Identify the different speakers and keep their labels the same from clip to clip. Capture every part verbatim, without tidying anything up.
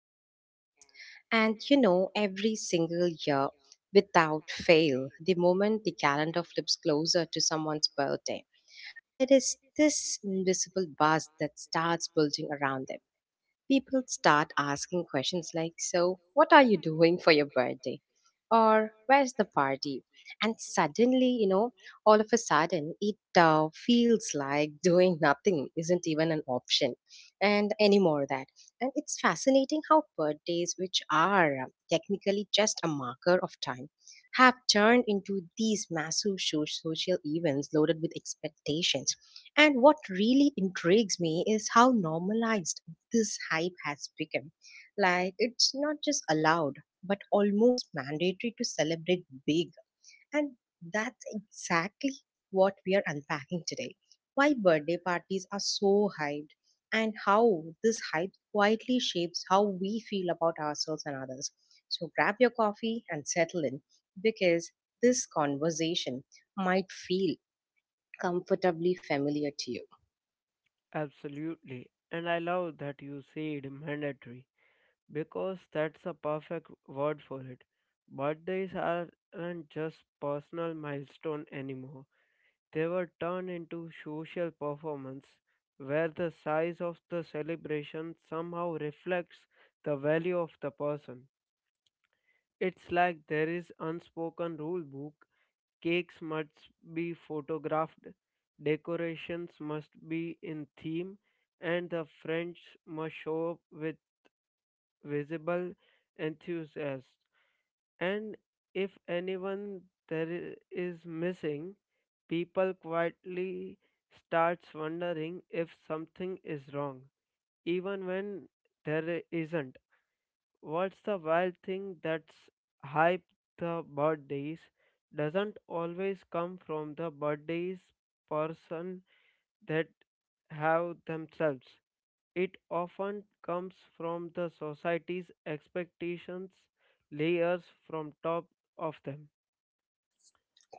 Speaker 1: our podcast. And you know, every single year, without fail, the moment the calendar flips closer to someone's birthday, there is this invisible buzz that starts building around them people start asking questions like, So, what are you doing for your birthday? Or, where's the party? And suddenly, you know, all of a sudden, it uh, feels like doing nothing isn't even an option and anymore that. And it's fascinating how birthdays, which are um, technically just a marker of time, have turned into these massive sho- social events loaded with expectations and what really intrigues me is how normalized this hype has become. Like, it's not just allowed, but almost mandatory to celebrate big. And that's exactly what we are unpacking today. Why birthday parties are so hyped, and how this hype quietly shapes how we feel about ourselves and others. So, grab your coffee and settle in because this conversation might feel comfortably familiar to you.
Speaker 2: Absolutely. And I love that you said mandatory because that's a perfect word for it. Birthdays aren't just personal milestone anymore. They were turned into social performance where the size of the celebration somehow reflects the value of the person. It's like there is unspoken rule book. Cakes must be photographed, decorations must be in theme, and the friends must show up with visible enthusiasm. And if anyone there i- is missing, people quietly starts wondering if something is wrong, even when there isn't. What's the wild thing that's hype the birthdays doesn't always come from the birthdays person that have themselves. It often comes from the society's expectations layers from top of them.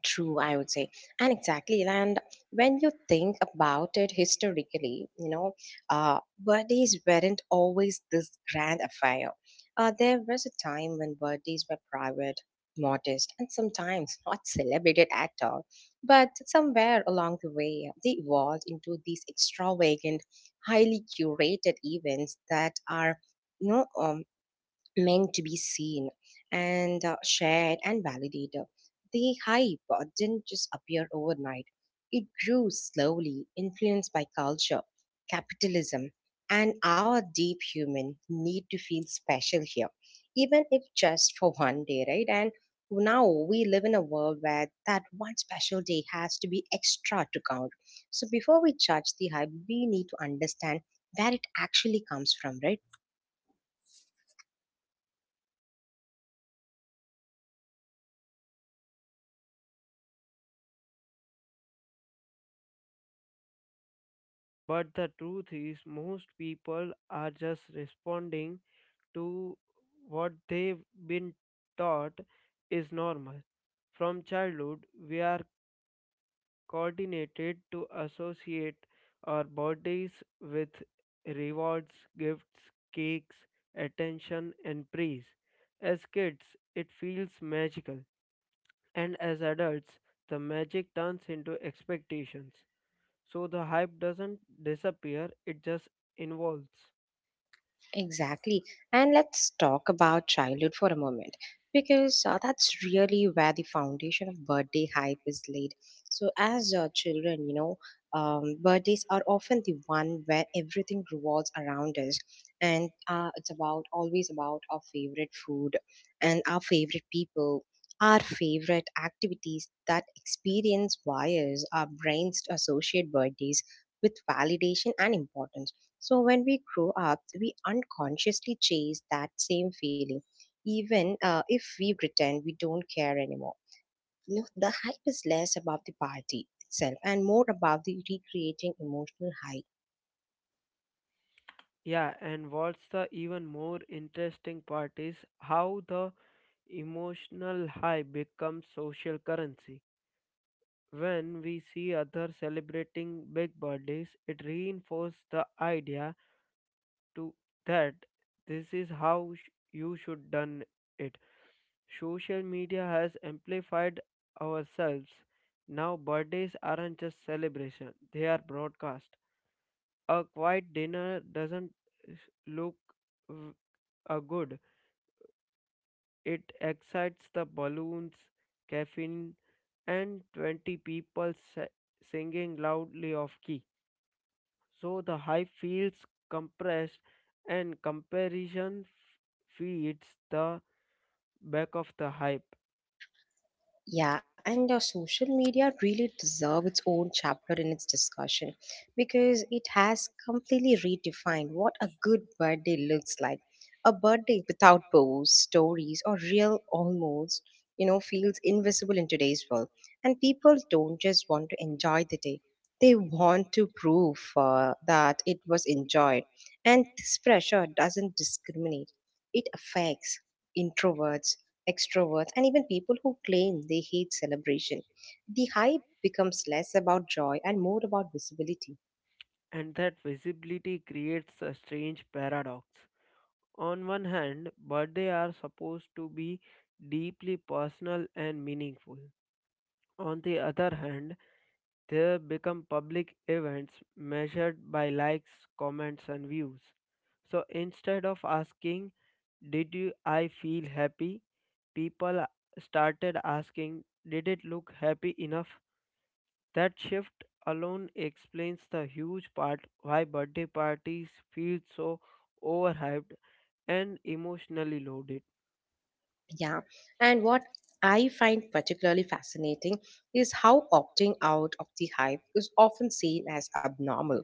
Speaker 1: True, I would say. And exactly, and when you think about it historically, you know, uh, birthdays weren't always this grand affair. Uh, there was a time when birthdays were private, modest, and sometimes not celebrated at all. But somewhere along the way, they evolved into these extravagant, highly curated events that are, you know, um, meant to be seen and uh, shared and validated. The hype uh, didn't just appear overnight, it grew slowly, influenced by culture, capitalism, and our deep human need to feel special here, even if just for one day, right? And now we live in a world where that one special day has to be extra to count. So before we judge the hype, we need to understand where it actually comes from, right?
Speaker 2: But the truth is most people are just responding to what they've been taught is normal. From childhood, we are coordinated to associate our bodies with rewards, gifts, cakes, attention, and praise. As kids, it feels magical, and as adults, the magic turns into expectations. So the hype doesn't disappear, it just evolves.
Speaker 1: Exactly. And let's talk about childhood for a moment because uh, that's really where the foundation of birthday hype is laid. So, as uh, children, you know, um, birthdays are often the one where everything revolves around us, and uh, it's about always about our favorite food and our favorite people. Our favorite activities that experience wires our brains to associate birthdays with validation and importance so when we grow up, we unconsciously chase that same feeling, even uh, if we pretend we don't care anymore. You know, the hype is less about the party itself and more about the recreating emotional highs.
Speaker 2: Yeah, and what's the even more interesting part is how the emotional high becomes social currency. When we see others celebrating big birthdays, it reinforces the idea to that this is how sh- you should done it. Social media has amplified ourselves. Now birthdays aren't just celebration, they are broadcast. A quiet dinner doesn't s- look v- a good. It excites the balloons, caffeine and twenty people sa- singing loudly off key. So the hive feels compressed and comparison f- feeds the back of the hype,
Speaker 1: Yeah, and uh, social media really deserve its own chapter in its discussion because it has completely redefined what a good birthday looks like. A birthday without posts, stories, or real almost, you know, feels invisible in today's world. And people don't just want to enjoy the day; they want to prove uh, that it was enjoyed. And this pressure doesn't discriminate; it affects introverts extroverts, and even people who claim they hate celebration. The hype becomes less about joy and more about visibility.
Speaker 2: and that visibility creates a strange paradox. On one hand, birthdays are supposed to be deeply personal and meaningful. On the other hand, they become public events measured by likes, comments, and views. So instead of asking, did you, I feel happy? People started asking, did it look happy enough? That shift alone explains the huge part why birthday parties feel so overhyped and emotionally loaded.
Speaker 1: Yeah. And what I find particularly fascinating is how opting out of the hype is often seen as abnormal.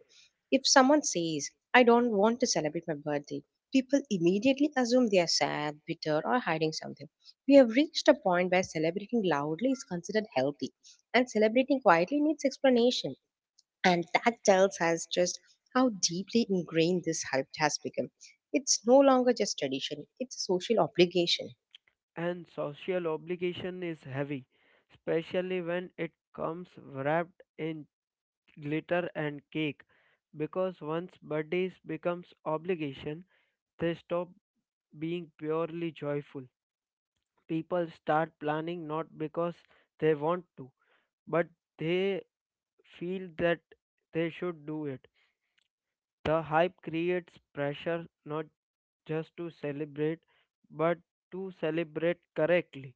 Speaker 1: If someone says, I don't want to celebrate my birthday, people immediately assume they are sad, bitter, or hiding something. We have reached a point where celebrating loudly is considered healthy, and celebrating quietly needs explanation. And that tells us just how deeply ingrained this habit has become. It's no longer just tradition, it's a social obligation.
Speaker 2: And social obligation is heavy, especially when it comes wrapped in glitter and cake. Because once birthdays becomes obligation, they stop being purely joyful. People start planning not because they want to, but they feel that they should do it. The hype creates pressure not just to celebrate, but to celebrate correctly.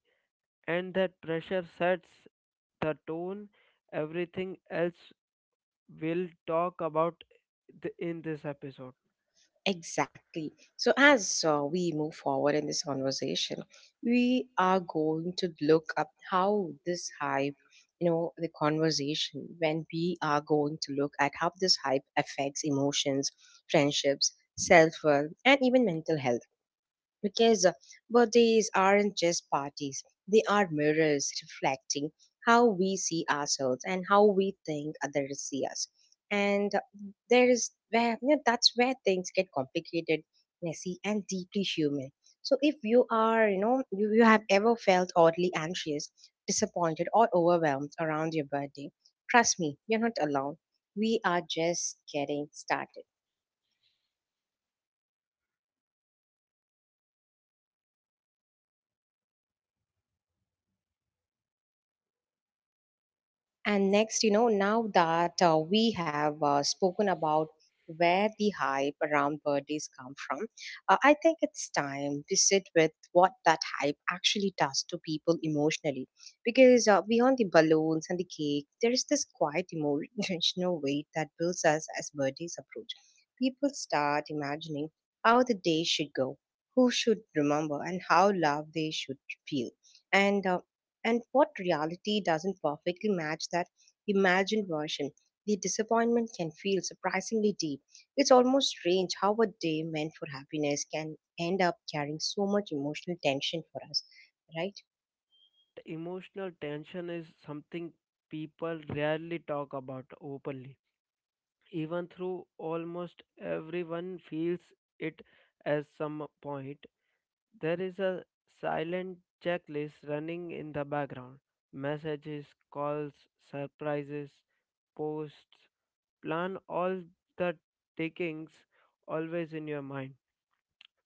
Speaker 2: And that pressure sets the tone. Everything else we'll talk about th- in this episode.
Speaker 1: Exactly. So, as uh, we move forward in this conversation, we are going to look up how this hype, you know, the conversation, when we are going to look at how this hype affects emotions, friendships, self worth, and even mental health. Because birthdays aren't just parties, they are mirrors reflecting how we see ourselves and how we think others see us. And there is where you know, that's where things get complicated, messy, and deeply human. So if you are, you know, you, you have ever felt oddly anxious, disappointed, or overwhelmed around your birthday, trust me, you're not alone. We are just getting started. And next, you know, now that uh, we have uh, spoken about where the hype around birthdays come from, uh, I think it's time to sit with what that hype actually does to people emotionally. Because uh, beyond the balloons and the cake, there is this quiet emo- emotional weight that builds us as birthdays approach. People start imagining how the day should go, who should remember, and how loved they should feel. And um, and what reality doesn't perfectly match that imagined version? The disappointment can feel surprisingly deep. It's almost strange how a day meant for happiness can end up carrying so much emotional tension for us, right?
Speaker 2: That emotional tension is something people rarely talk about openly even though almost everyone feels it at some point. There is a silent checklist running in the background. Messages, calls, surprises, posts, plan all the takings always in your mind.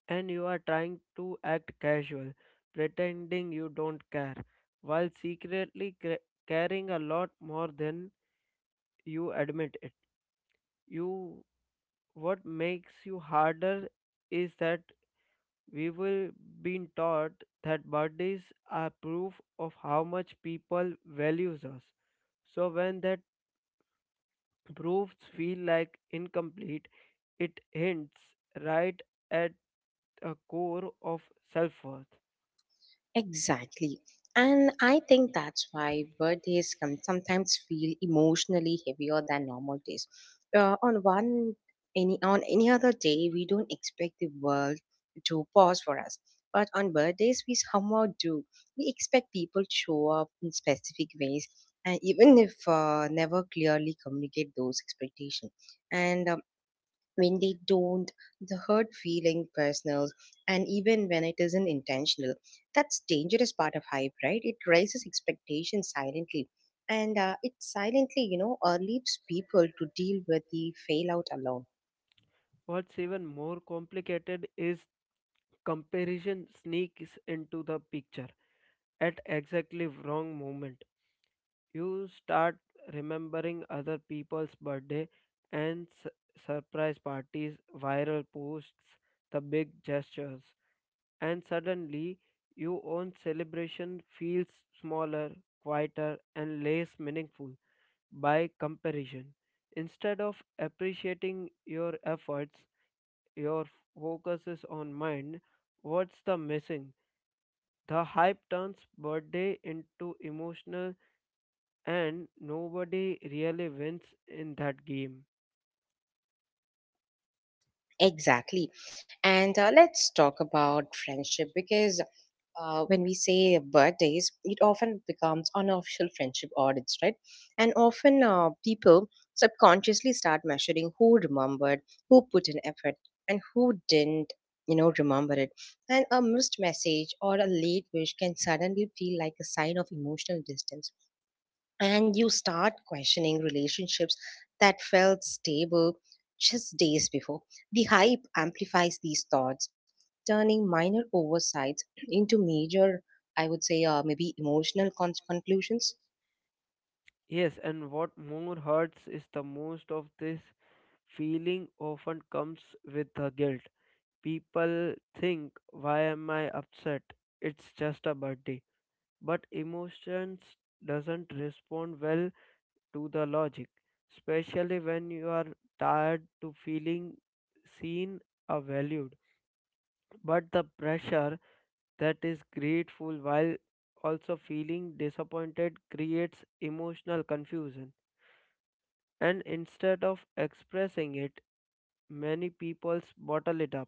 Speaker 2: And you are trying to act casual, pretending you don't care, while secretly cra- caring a lot more than you admit it. You what makes you harder is that we will been taught that birthdays are proof of how much people values us. So when that proofs feel like incomplete, it hints right at a core of self-worth.
Speaker 1: Exactly. And I think that's why birthdays can sometimes feel emotionally heavier than normal days. Uh, on one any on any other day, we don't expect the world to pause for us. But on birthdays, we somehow do. We expect people to show up in specific ways, and even if uh, never clearly communicate those expectations. And um, when they don't, the hurt feeling personal, and even when it isn't intentional. That's dangerous part of hype, right? It raises expectations silently. And uh, it silently, you know, uh, leaves people to deal with the fail out alone.
Speaker 2: What's even more complicated is comparison sneaks into the picture at exactly wrong moment. You start remembering other people's birthday and su- surprise parties, viral posts, the big gestures, and suddenly your own celebration feels smaller, quieter and less meaningful by comparison. Instead of appreciating your efforts, your focus is on mind what's the missing. The hype turns birthday into emotional and nobody really wins in that game.
Speaker 1: Exactly. And uh, let's talk about friendship because uh, when we say birthdays, it often becomes unofficial friendship audits, right? And often uh, people subconsciously start measuring who remembered, who put in effort, and who didn't, you know, remember it. And a missed message or a late wish can suddenly feel like a sign of emotional distance and you start questioning relationships that felt stable just days before. The hype amplifies these thoughts, turning minor oversights into major, I would say, uh, maybe emotional con- conclusions.
Speaker 2: Yes, and what more hurts is the most of this feeling often comes with the guilt. People think, why am I upset? It's just a birthday. But emotions doesn't respond well to the logic, especially when you are tired to feeling seen or valued. But the pressure that is grateful while also feeling disappointed creates emotional confusion. And instead of expressing it, many people bottle it up.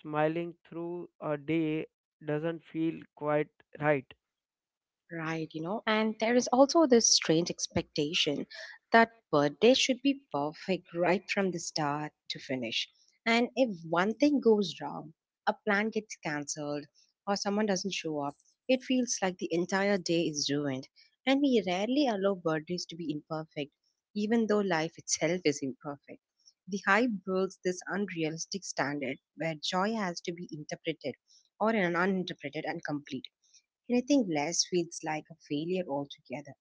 Speaker 2: Smiling through a day doesn't feel quite right.
Speaker 1: Right, you know, and there is also this strange expectation that birthday should be perfect right from the start to finish. And if one thing goes wrong, a plan gets cancelled, or someone doesn't show up, it feels like the entire day is ruined. And we rarely allow birthdays to be imperfect, even though life itself is imperfect. The hype builds this unrealistic standard where joy has to be interpreted or uninterpreted and complete. Anything less feels like a failure altogether,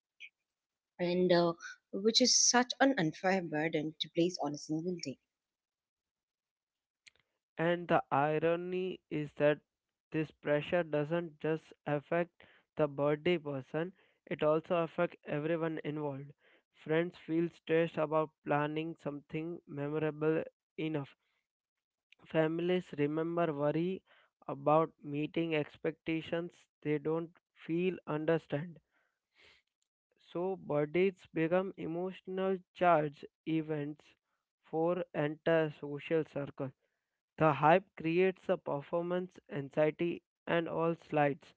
Speaker 1: and uh, which is such an unfair burden to place on a single day.
Speaker 2: And the irony is that this pressure doesn't just affect the birthday person, it also affects everyone involved. Friends feel stressed about planning something memorable enough. Families remember worry about meeting expectations they don't feel understand. So birthdays become emotional charge events for entire social circle. The hype creates a performance anxiety and all slides,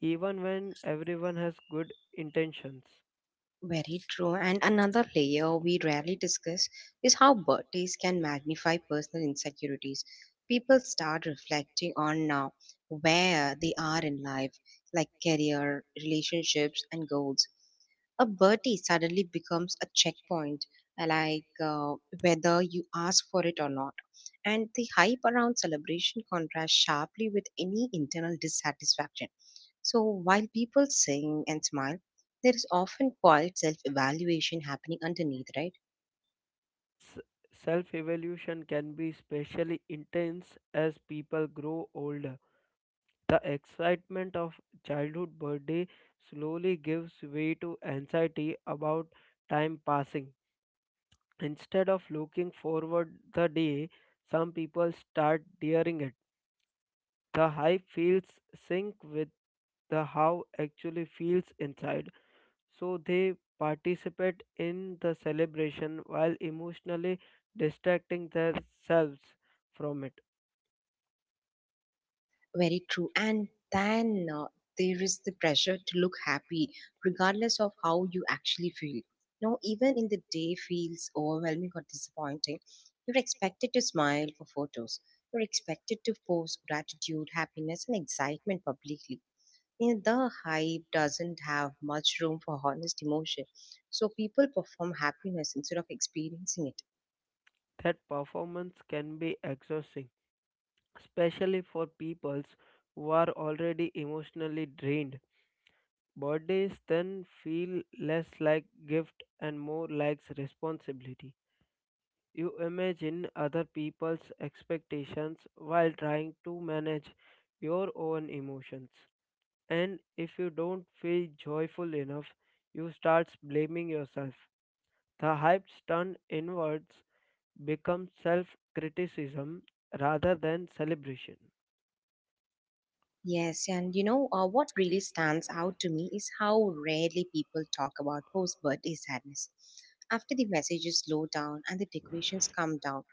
Speaker 2: even when everyone has good intentions.
Speaker 1: Very true. And another layer we rarely discuss is how birthdays can magnify personal insecurities. People start reflecting on now where they are in life, like career, relationships, and goals. A birthday suddenly becomes a checkpoint, uh, like uh, whether you ask for it or not. And the hype around celebration contrasts sharply with any internal dissatisfaction so while people sing and smile, there is often quiet self evaluation happening underneath, right?
Speaker 2: That's self evolution can be especially intense as people grow older. The excitement of childhood birthday slowly gives way to anxiety about time passing. Instead of looking forward the day, some people start daring it. The hype feels sync with the how actually feels inside. So they participate in the celebration while emotionally distracting themselves from it.
Speaker 1: Very true. And then uh, there is the pressure to look happy, regardless of how you actually feel. Now, even in the day feels overwhelming or disappointing, you're expected to smile for photos. You're expected to post gratitude, happiness, and excitement publicly. You know, the hype doesn't have much room for honest emotion. So people perform happiness instead of experiencing it.
Speaker 2: That performance can be exhausting, especially for peoples who are already emotionally drained. Birthdays then feel less like gift and more like responsibility. You imagine other people's expectations while trying to manage your own emotions. And if you don't feel joyful enough, you start blaming yourself. The hypes turn inwards, becomes self criticism rather than celebration.
Speaker 1: Yes, and you know uh, what really stands out to me is how rarely people talk about post birthday sadness. After the messages slow down and the decorations come down,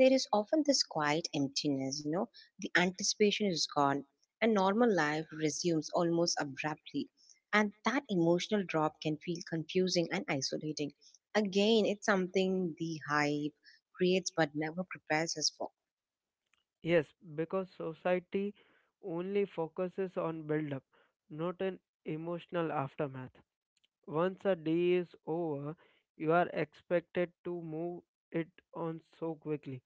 Speaker 1: there is often this quiet emptiness, you know, the anticipation is gone and normal life resumes almost abruptly. And that emotional drop can feel confusing and isolating. Again, it's something the hype creates but never prepares us for.
Speaker 2: Yes, because society only focuses on build up, not an emotional aftermath. Once a day is over, you are expected to move it on so quickly.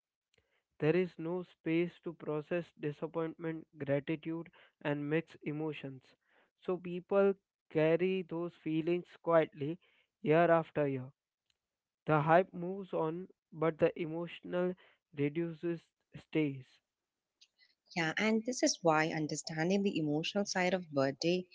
Speaker 2: There is no space to process disappointment, gratitude, and mix emotions. So people carry those feelings quietly year after year. The hype moves on, but the emotional reduces stays.
Speaker 1: Yeah, and this is why understanding the emotional side of birthday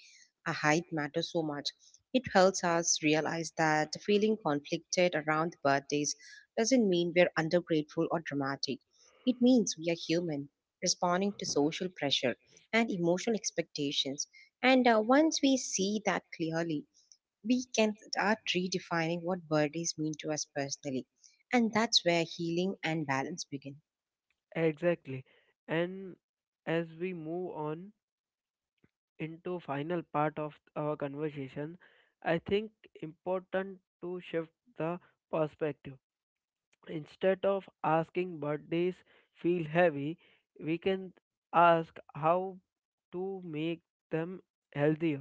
Speaker 1: a hype matters so much. It helps us realize that feeling conflicted around birthdays doesn't mean we're undergrateful or dramatic. It means we are human, responding to social pressure and emotional expectations. And uh, once we see that clearly, we can start redefining what birthdays mean to us personally. And that's where healing and balance begin.
Speaker 2: Exactly. And as we move on into final part of our conversation, I think important to shift the perspective. Instead of asking birthdays feel heavy, we can ask how to make them healthier.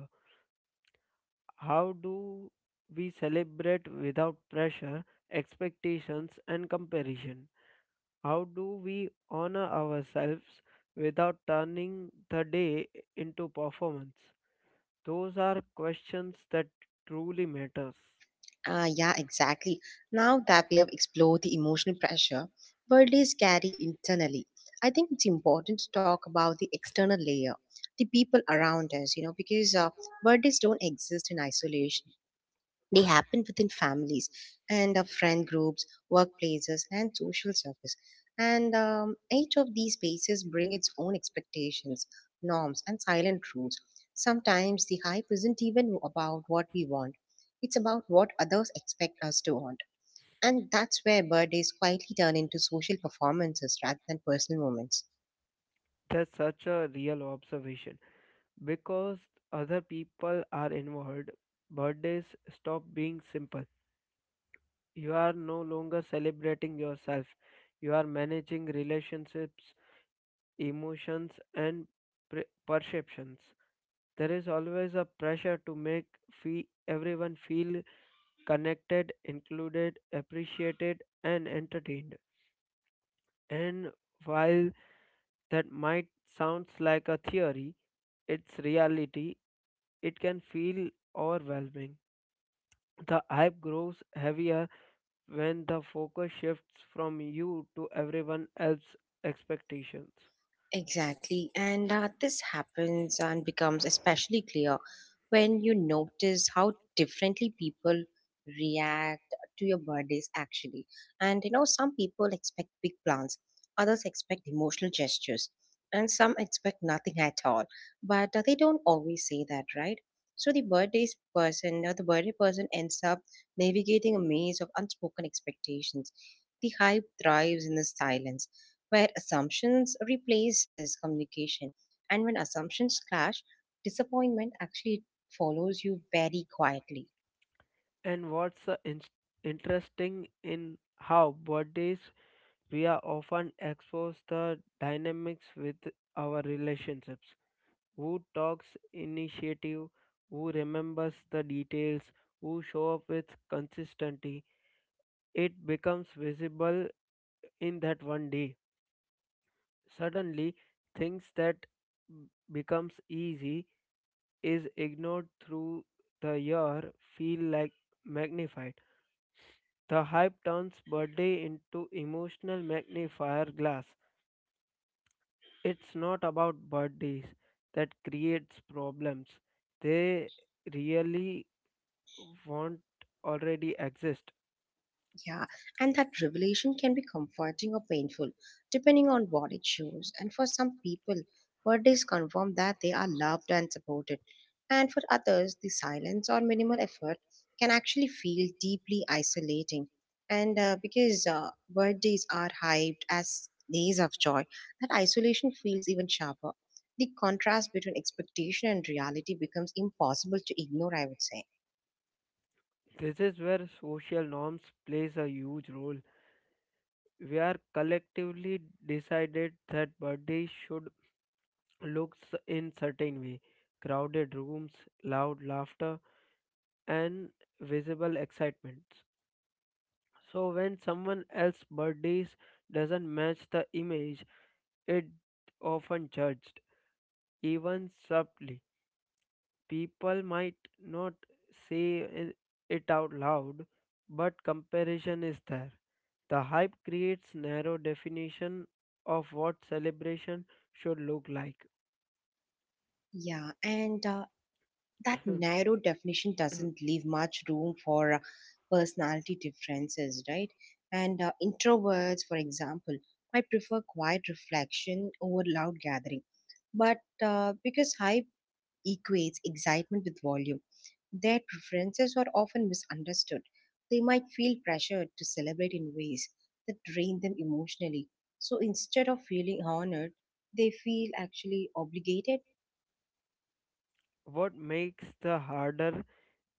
Speaker 2: How do we celebrate without pressure, expectations and comparison? How do we honor ourselves without turning the day into performance? Those are questions that truly matters.
Speaker 1: Ah, yeah, exactly. Now that we have explored the emotional pressure birthdays carry internally, I think it's important to talk about the external layer, the people around us, you know, because uh, birthdays don't exist in isolation. They happen within families and uh, friend groups, workplaces, and social circles. And um, each of these spaces bring its own expectations, norms, and silent rules. Sometimes the hype isn't even about what we want; it's about what others expect us to want. And that's where birthdays quietly turn into social performances rather than personal moments.
Speaker 2: That's such a real observation because other people are involved. Birthdays stop being simple. You are no longer celebrating yourself. You are managing relationships, emotions, and pre- perceptions. There is always a pressure to make fe- everyone feel connected, included, appreciated, and entertained. And while that might sounds like a theory, its reality, it can feel overwhelming. The hype grows heavier when the focus shifts from you to everyone else's expectations.
Speaker 1: Exactly. And uh, this happens and becomes especially clear when you notice how differently people react to your birthdays, actually. And you know, some people expect big plans, others expect emotional gestures, and some expect nothing at all. But uh, they don't always say that, right? So the birthdays person or the birthday person ends up navigating a maze of unspoken expectations. The hype thrives in the silence where assumptions replaces communication, and when assumptions clash, disappointment actually follows you very quietly.
Speaker 2: And what's uh, in- interesting in how birthdays we are often exposed the dynamics with our relationships. Who talks initiative, who remembers the details, who show up with consistency, it becomes visible in that one day. Suddenly, things that b- becomes easy is ignored through the year feel like magnified. The hype turns birthday into emotional magnifier glass. It's not about birthdays that creates problems. They really want already exist.
Speaker 1: Yeah, and that revelation can be comforting or painful, depending on what it shows. And for some people, birthdays confirm that they are loved and supported. And for others, the silence or minimal effort can actually feel deeply isolating. And uh, because uh, birthdays are hyped as days of joy, that isolation feels even sharper. The contrast between expectation and reality becomes impossible to ignore, I would say.
Speaker 2: This is where social norms plays a huge role. We are collectively decided that birthdays should look s- in certain way. Crowded rooms, loud laughter, and visible excitements. So when someone else's birthdays doesn't match the image, it often judged, even subtly. People might not say it it out loud, but comparison is there. The hype creates narrow definition of what celebration should look like.
Speaker 1: Yeah, and uh, that narrow definition doesn't leave much room for uh, personality differences, right? And uh, introverts, for example, might prefer quiet reflection over loud gathering, but uh, because hype equates excitement with volume, their preferences are often misunderstood. They might feel pressured to celebrate in ways that drain them emotionally. So instead of feeling honored, they feel actually obligated.
Speaker 2: What makes the harder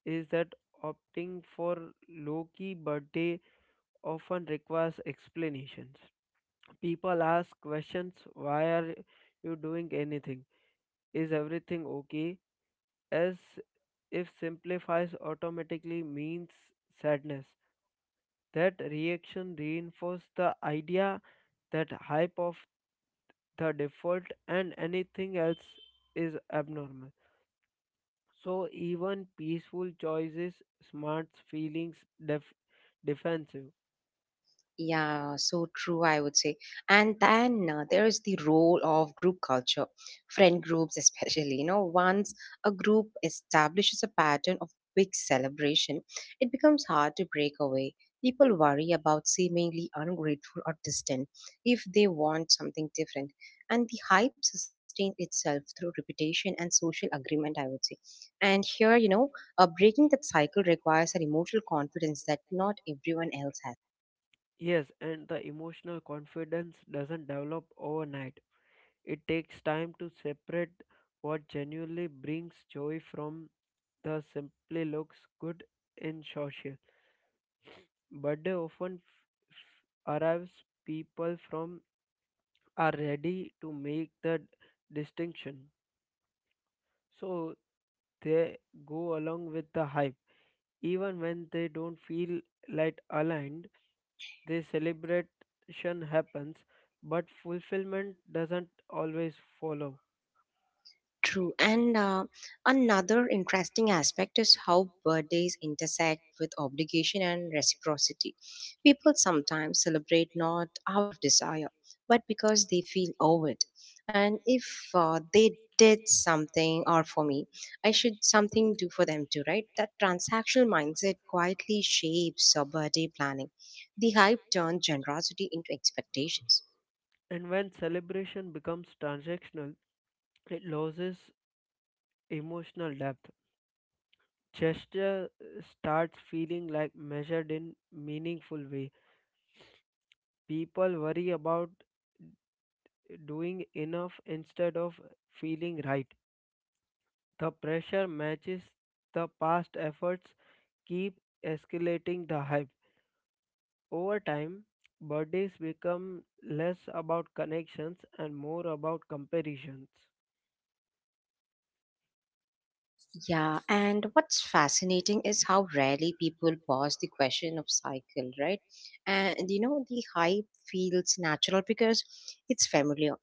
Speaker 2: is that opting for low-key birthday often requires explanations. People ask questions, why are you doing anything? Is everything okay? As if simplifies automatically means sadness. That reaction reinforces the idea that hype of the default and anything else is abnormal. So even peaceful choices, smart feelings, def- defensive.
Speaker 1: Yeah, so true, I would say. And then uh, there is the role of group culture, friend groups especially. You know, once a group establishes a pattern of big celebration, it becomes hard to break away. People worry about seemingly ungrateful or distant if they want something different. And the hype sustains itself through reputation and social agreement, I would say. And here, you know, uh, breaking that cycle requires an emotional confidence that not everyone else has.
Speaker 2: Yes, and the emotional confidence doesn't develop overnight. It takes time to separate what genuinely brings joy from the simply looks good in social. Birthday often f- f- arrives people from are ready to make the distinction. So they go along with the hype. Even when they don't feel like aligned, the celebration happens, but fulfillment doesn't always follow.
Speaker 1: True. And uh, another interesting aspect is how birthdays intersect with obligation and reciprocity. People sometimes celebrate not out of desire, but because they feel owed. It. And if uh, they did something or for me, I should something do for them too, right? That transactional mindset quietly shapes our birthday planning. The hype turns generosity into expectations.
Speaker 2: And when celebration becomes transactional, it loses emotional depth. Gesture uh, starts feeling like measured in meaningful way. People worry about uh, doing enough instead of feeling right. The pressure matches the past efforts keep escalating the hype. Over time, birthdays become less about connections and more about comparisons.
Speaker 1: Yeah, and what's fascinating is how rarely people pause the question of cycle, right? And you know, the hype feels natural because it's familiar.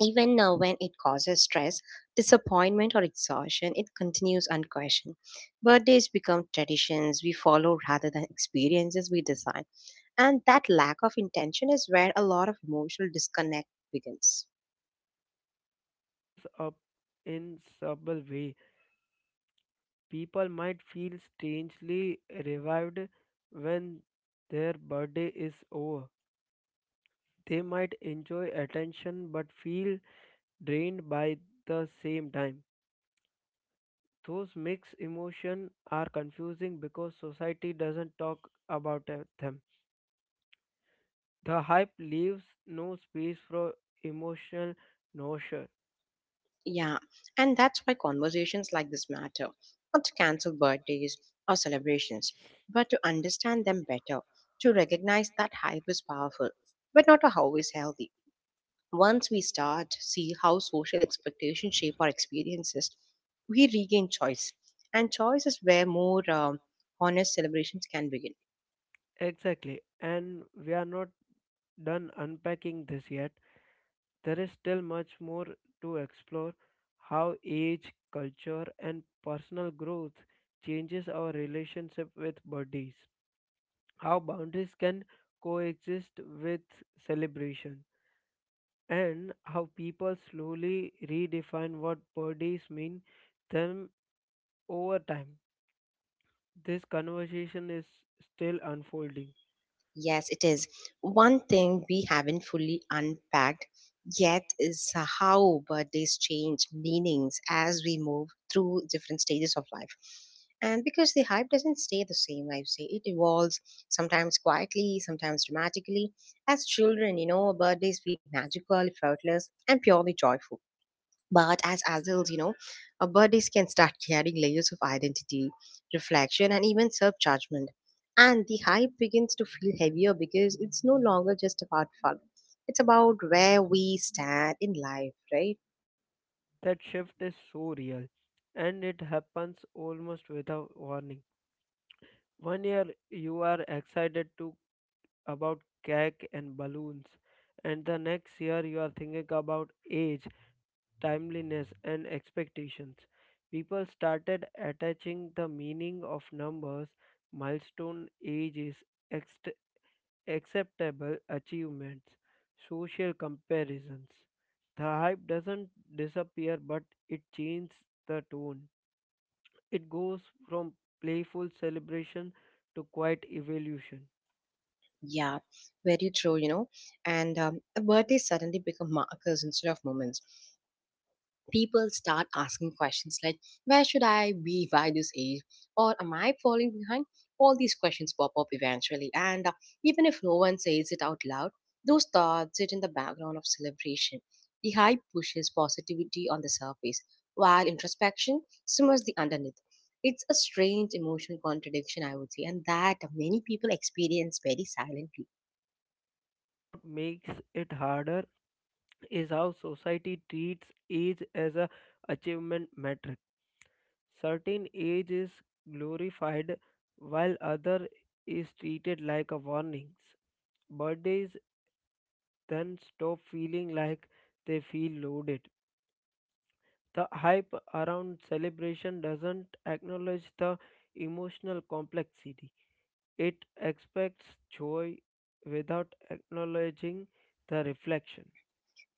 Speaker 1: Even uh, when it causes stress, disappointment, or exhaustion, it continues unquestioned. Birthdays become traditions we follow rather than experiences we design. And that lack of intention is where a lot of emotional disconnect begins.
Speaker 2: Goes up in subtle way. People might feel strangely revived when their birthday is over. They might enjoy attention but feel drained by the same time. Those mixed emotions are confusing because society doesn't talk about uh, them. The hype leaves no space for emotional nausea.
Speaker 1: Yeah, and that's why conversations like this matter, not to cancel birthdays or celebrations, but to understand them better, to recognize that hype is powerful, but not always healthy. Once we start to see how social expectations shape our experiences, we regain choice, and choice is where more um, honest celebrations can begin.
Speaker 2: Exactly, and we are not done unpacking this yet. There is still much more to explore how age, culture, and personal growth changes our relationship with bodies, how boundaries can coexist with celebration, and how people slowly redefine what bodies mean them over time. This conversation is still unfolding.
Speaker 1: Yes, it is. One thing we haven't fully unpacked yet is how birthdays change meanings as we move through different stages of life. And because the hype doesn't stay the same, I would say it evolves sometimes quietly, sometimes dramatically. As children, you know, birthdays feel magical, effortless, and purely joyful. But as adults, you know, our bodies can start carrying layers of identity, reflection, and even self judgment. And the hype begins to feel heavier because it's no longer just about fun. It's about where we stand in life, right?
Speaker 2: That shift is so real and it happens almost without warning. One year you are excited to about cake and balloons, and the next year you are thinking about age, timeliness, and expectations. People started attaching the meaning of numbers, milestone ages, ext- acceptable achievements, social comparisons. The hype doesn't disappear, but it changes the tone. It goes from playful celebration to quiet evolution.
Speaker 1: Yeah, very true, you know. And um, birthdays suddenly become markers instead of moments. People start asking questions like where should I be by this age, or am I falling behind. All these questions pop up eventually, and uh, even if no one says it out loud, those thoughts sit in the background of celebration. The hype pushes positivity on the surface while introspection simmers the underneath. It's a strange emotional contradiction, I would say, and that many people experience very silently.
Speaker 2: What makes it harder is how society treats age as a achievement metric. Certain age is glorified while other is treated like a warnings. Birthdays then stop feeling like they feel loaded. The hype around celebration doesn't acknowledge the emotional complexity. It expects joy without acknowledging the reflection.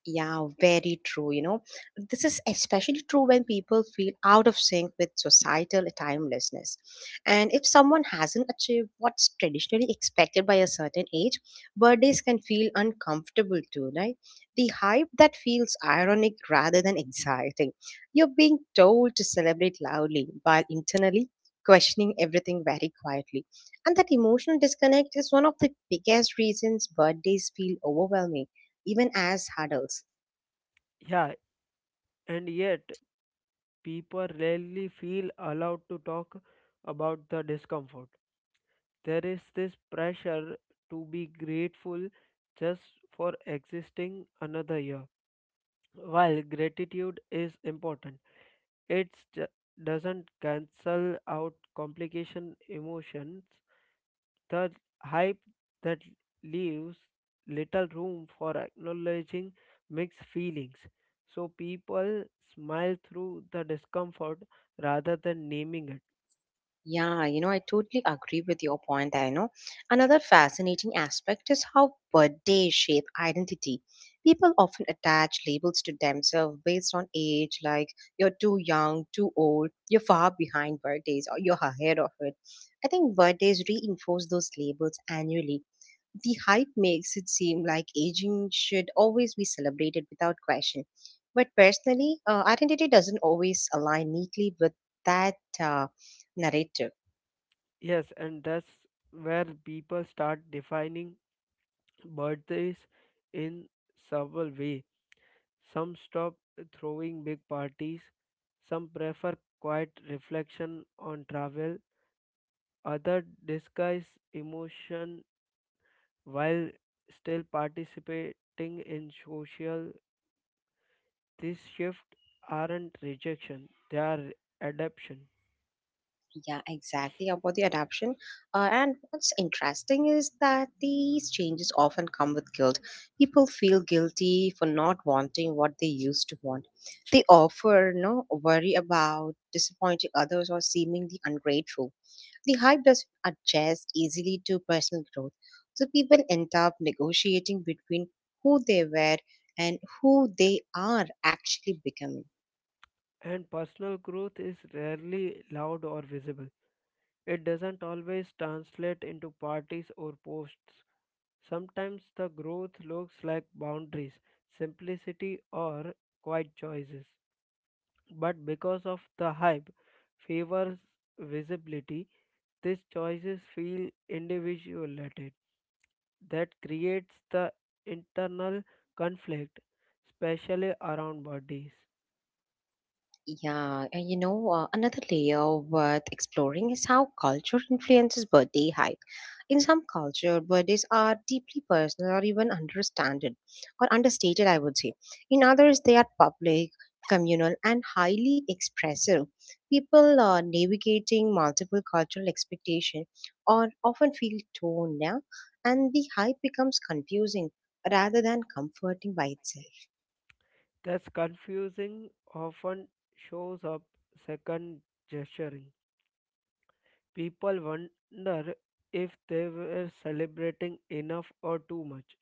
Speaker 1: Yeah, very true. You know, this is especially true when people feel out of sync with societal timelessness. And if someone hasn't achieved what's traditionally expected by a certain age, birthdays can feel uncomfortable too, right? The hype that feels ironic rather than exciting. You're being told to celebrate loudly while internally questioning everything very quietly. And that emotional disconnect is one of the biggest reasons birthdays feel overwhelming, even as adults.
Speaker 2: Yeah, and yet people rarely feel allowed to talk about the discomfort. There is this pressure to be grateful just for existing another year. While gratitude is important, it doesn't cancel out complication emotions, the hype that leaves little room for acknowledging mixed feelings. So people smile through the discomfort rather than naming it.
Speaker 1: Yeah, you know, I totally agree with your point there, you know. Another fascinating aspect is how birthdays shape identity. People often attach labels to themselves based on age, like you're too young, too old, you're far behind birthdays, or you're ahead of it. I think birthdays reinforce those labels annually. The hype makes it seem like aging should always be celebrated without question. But personally, uh, identity doesn't always align neatly with that uh, narrative.
Speaker 2: Yes, and that's where people start defining birthdays in several ways. Some stop throwing big parties, some prefer quiet reflection on travel, others disguise emotion while still participating in social. These shifts aren't rejection, they are adaptation,
Speaker 1: Yeah, exactly about the adoption. Uh, and what's interesting is that these changes often come with guilt. People feel guilty for not wanting what they used to want. They offer no worry about disappointing others or seemingly ungrateful. The hype doesn't adjust easily to personal growth. So people end up negotiating between who they were and who they are actually becoming.
Speaker 2: and personal growth is rarely loud or visible. It doesn't always translate into parties or posts. Sometimes the growth looks like boundaries, simplicity, or quiet choices. But because of the hype favors visibility, these choices feel individuated. That creates the internal conflict, especially around bodies.
Speaker 1: Yeah, and you know, uh, another layer worth exploring is how culture influences birthday hype. In some culture, birthdays are deeply personal or even understanded or understated, I would say. In others, they are public, communal, and highly expressive. People uh, navigating multiple cultural expectations or often feel torn, yeah, and the hype becomes confusing rather than comforting by itself.
Speaker 2: That's confusing often shows up second gesturing. People wonder if they were celebrating enough or too much.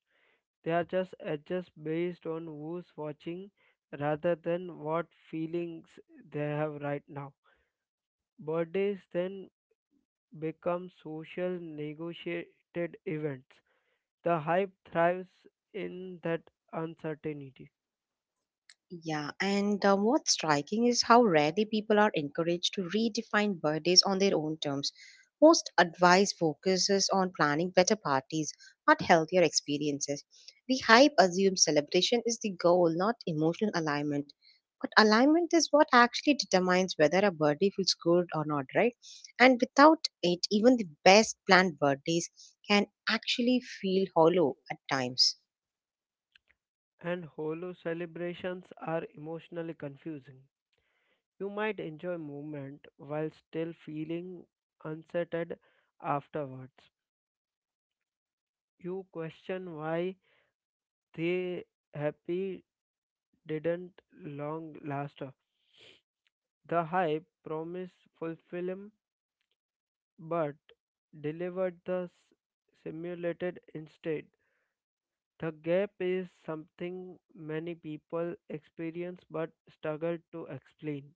Speaker 2: They are just adjust based on who's watching rather than what feelings they have right now. Birthdays then become social negotiated events. The hype thrives in that uncertainty,
Speaker 1: Yeah, and uh, what's striking is how rarely people are encouraged to redefine birthdays on their own terms. Most advice focuses on planning better parties, not healthier experiences. The hype assumes celebration is the goal, not emotional alignment. But alignment is what actually determines whether a birthday feels good or not, right? And without it, even the best planned birthdays can actually feel hollow at times.
Speaker 2: and holo celebrations are emotionally confusing. You might enjoy movement while still feeling unsettled afterwards. You question why the happy didn't long last. The hype promised fulfillment but delivered the s- simulated instead. The gap is something many people experience but struggle to explain.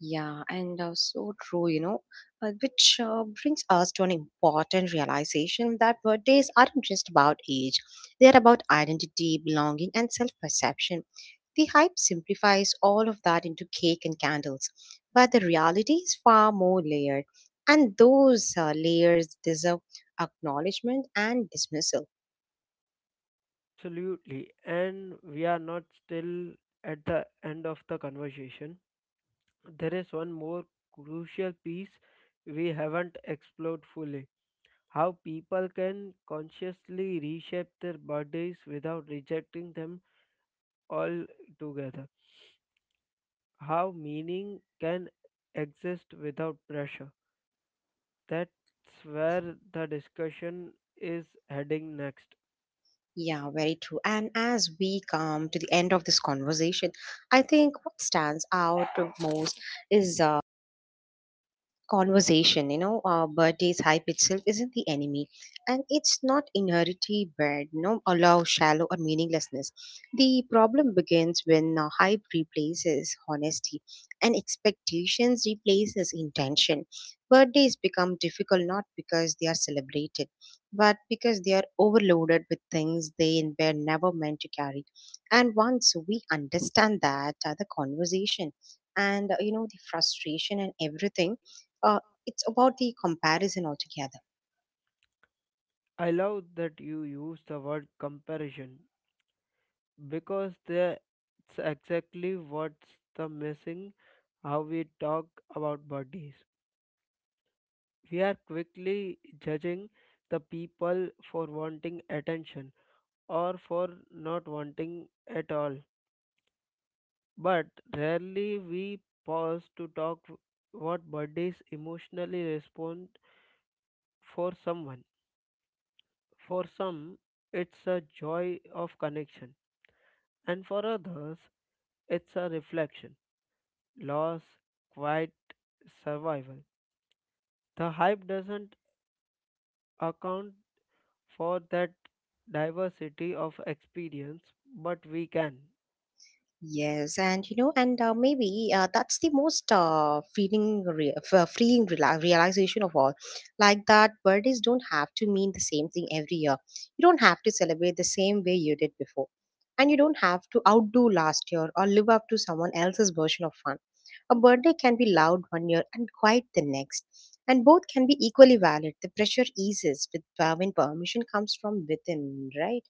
Speaker 1: Yeah, and uh, so true, you know, uh, which uh, brings us to an important realization that birthdays aren't just about age, they are about identity, belonging, and self perception. The hype simplifies all of that into cake and candles, but the reality is far more layered, and those uh, layers deserve acknowledgement and dismissal.
Speaker 2: Absolutely. And we are not still at the end of the conversation. There is one more crucial piece we haven't explored fully how people can consciously reshape their bodies without rejecting them altogether, how meaning can exist without pressure. That's where the discussion is heading next.
Speaker 1: Yeah, very true. And as we come to the end of this conversation, I think what stands out most is uh, conversation, you know, uh, birthdays hype itself isn't the enemy, and it's not inherently bad, you know, allow shallow or meaninglessness. The problem begins when uh, hype replaces honesty and expectations replaces intention. Birthdays become difficult not because they are celebrated, but because they are overloaded with things they were never meant to carry. And once we understand that, uh, the conversation and uh, you know the frustration and everything, uh, it's about the comparison altogether.
Speaker 2: I love that you use the word comparison because that's exactly what's the missing how we talk about bodies we are quickly judging the people for wanting attention or for not wanting at all, but rarely we pause to talk what bodies emotionally respond for someone, for some it's a joy of connection, and for others it's a reflection loss quiet survival. The hype doesn't account for that diversity of experience, but we can.
Speaker 1: Yes, and you know, and uh, maybe uh, that's the most uh, feeling re- f- uh, freeing rela- realization of all, like that birthdays don't have to mean the same thing every year. You don't have to celebrate the same way you did before, and you don't have to outdo last year or live up to someone else's version of fun. A birthday can be loud one year and quiet the next, and both can be equally valid. The pressure eases with uh, when permission comes from within, right?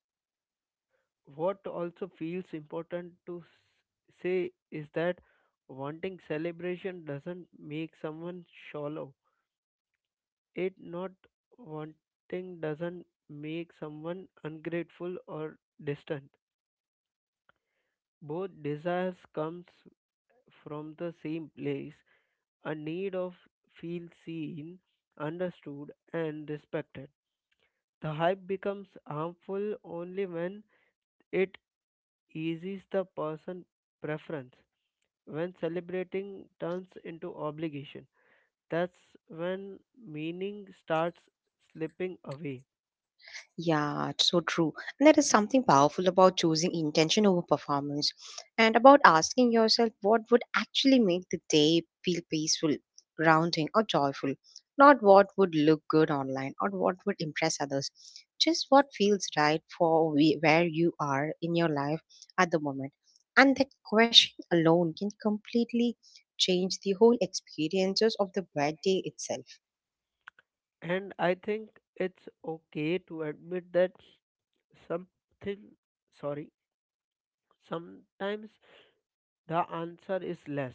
Speaker 2: What also feels important to s- say is that wanting celebration doesn't make someone shallow. It not wanting doesn't make someone ungrateful or distant. Both desires comes from the same place, a need of feel seen, understood, and respected. The hype becomes harmful only when it eases the person preference. When celebrating turns into obligation, that's when meaning starts slipping away.
Speaker 1: Yeah, it's so true. And there is something powerful about choosing intention over performance, and about asking yourself what would actually make the day feel peaceful, grounding, or joyful. Not what would look good online or what would impress others. Just what feels right for we, where you are in your life at the moment. And that question alone can completely change the whole experiences of the birthday itself.
Speaker 2: And I think it's okay to admit that something, sorry. Sometimes the answer is less.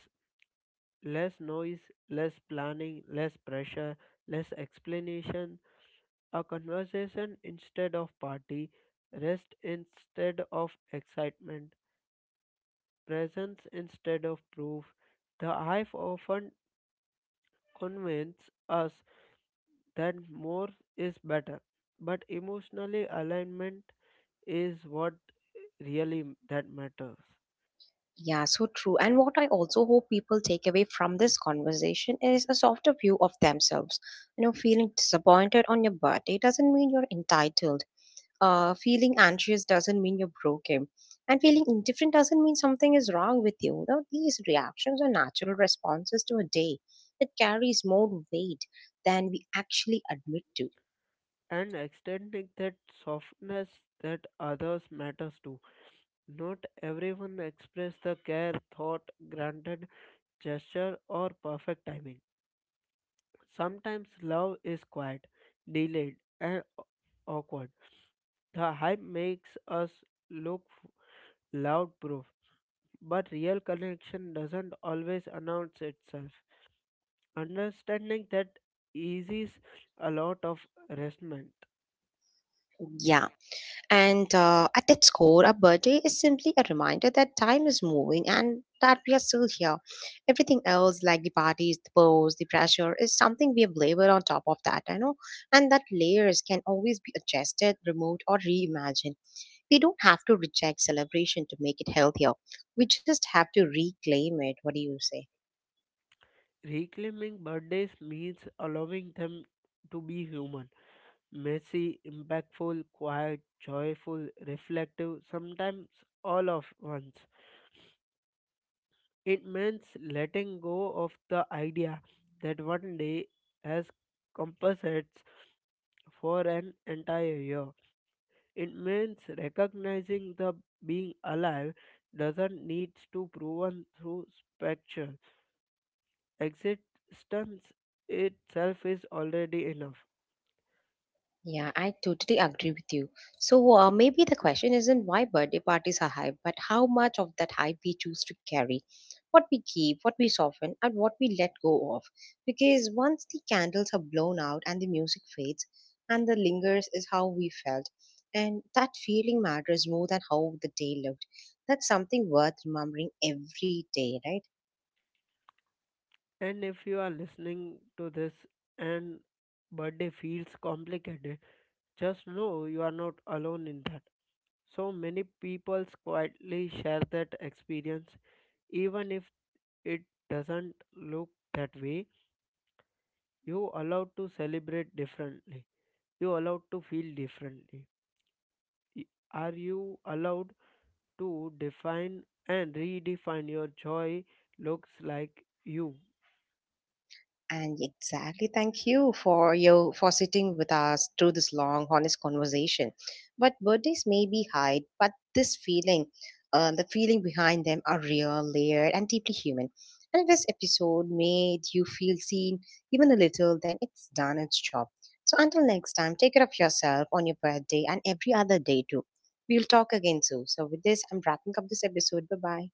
Speaker 2: Less noise, less planning, less pressure, less explanation, a conversation instead of party, rest instead of excitement, presence instead of proof. The hive often convinces us that more is better, but emotionally alignment is what really that matters.
Speaker 1: Yeah, so true. And what I also hope people take away from this conversation is a softer view of themselves. You know, feeling disappointed on your birthday doesn't mean you're entitled. Uh, feeling anxious doesn't mean you're broken. And feeling indifferent doesn't mean something is wrong with you. Now, these reactions are natural responses to a day that carries more weight than we actually admit to.
Speaker 2: And extending that softness that others matters to. Not everyone express the care, thought, granted, gesture, or perfect timing. Sometimes love is quiet, delayed, and aw- awkward. The hype makes us look loud proof, but real connection doesn't always announce itself. Understanding that eases a lot of resentment.
Speaker 1: Yeah. And uh, at its core, a birthday is simply a reminder that time is moving and that we are still here. Everything else, like the parties, the pros, the pressure, is something we have layered on top of that, I know. And that layers can always be adjusted, removed, or reimagined. We don't have to reject celebration to make it healthier. We just have to reclaim it. What do you say?
Speaker 2: Reclaiming birthdays means allowing them to be human, messy, impactful, quiet, joyful, reflective, sometimes all of once. It means letting go of the idea that one day has composites for an entire year. It means recognizing the being alive doesn't need to proven through spectral existence itself is already enough.
Speaker 1: Yeah, I totally agree with you. So uh, maybe the question isn't why birthday parties are hype, but how much of that hype we choose to carry, what we keep, what we soften, and what we let go of. Because once the candles are blown out and the music fades, and the lingers is how we felt, and that feeling matters more than how the day looked. That's something worth remembering every day, right?
Speaker 2: And if you are listening to this and birthday feels complicated, just know you are not alone in that. So many people quietly share that experience, even if it doesn't look that way. You allowed to celebrate differently. You allowed to feel differently. Y- Are you allowed to define and redefine your joy looks like you?
Speaker 1: And exactly, thank you for you for sitting with us through this long, honest conversation. But birthdays may be hide, but this feeling, uh, the feeling behind them, are real, layered, and deeply human. And if this episode made you feel seen, even a little. Then it's done its job. So until next time, take care of yourself on your birthday and every other day too. We'll talk again soon. So with this, I'm wrapping up this episode. Bye bye.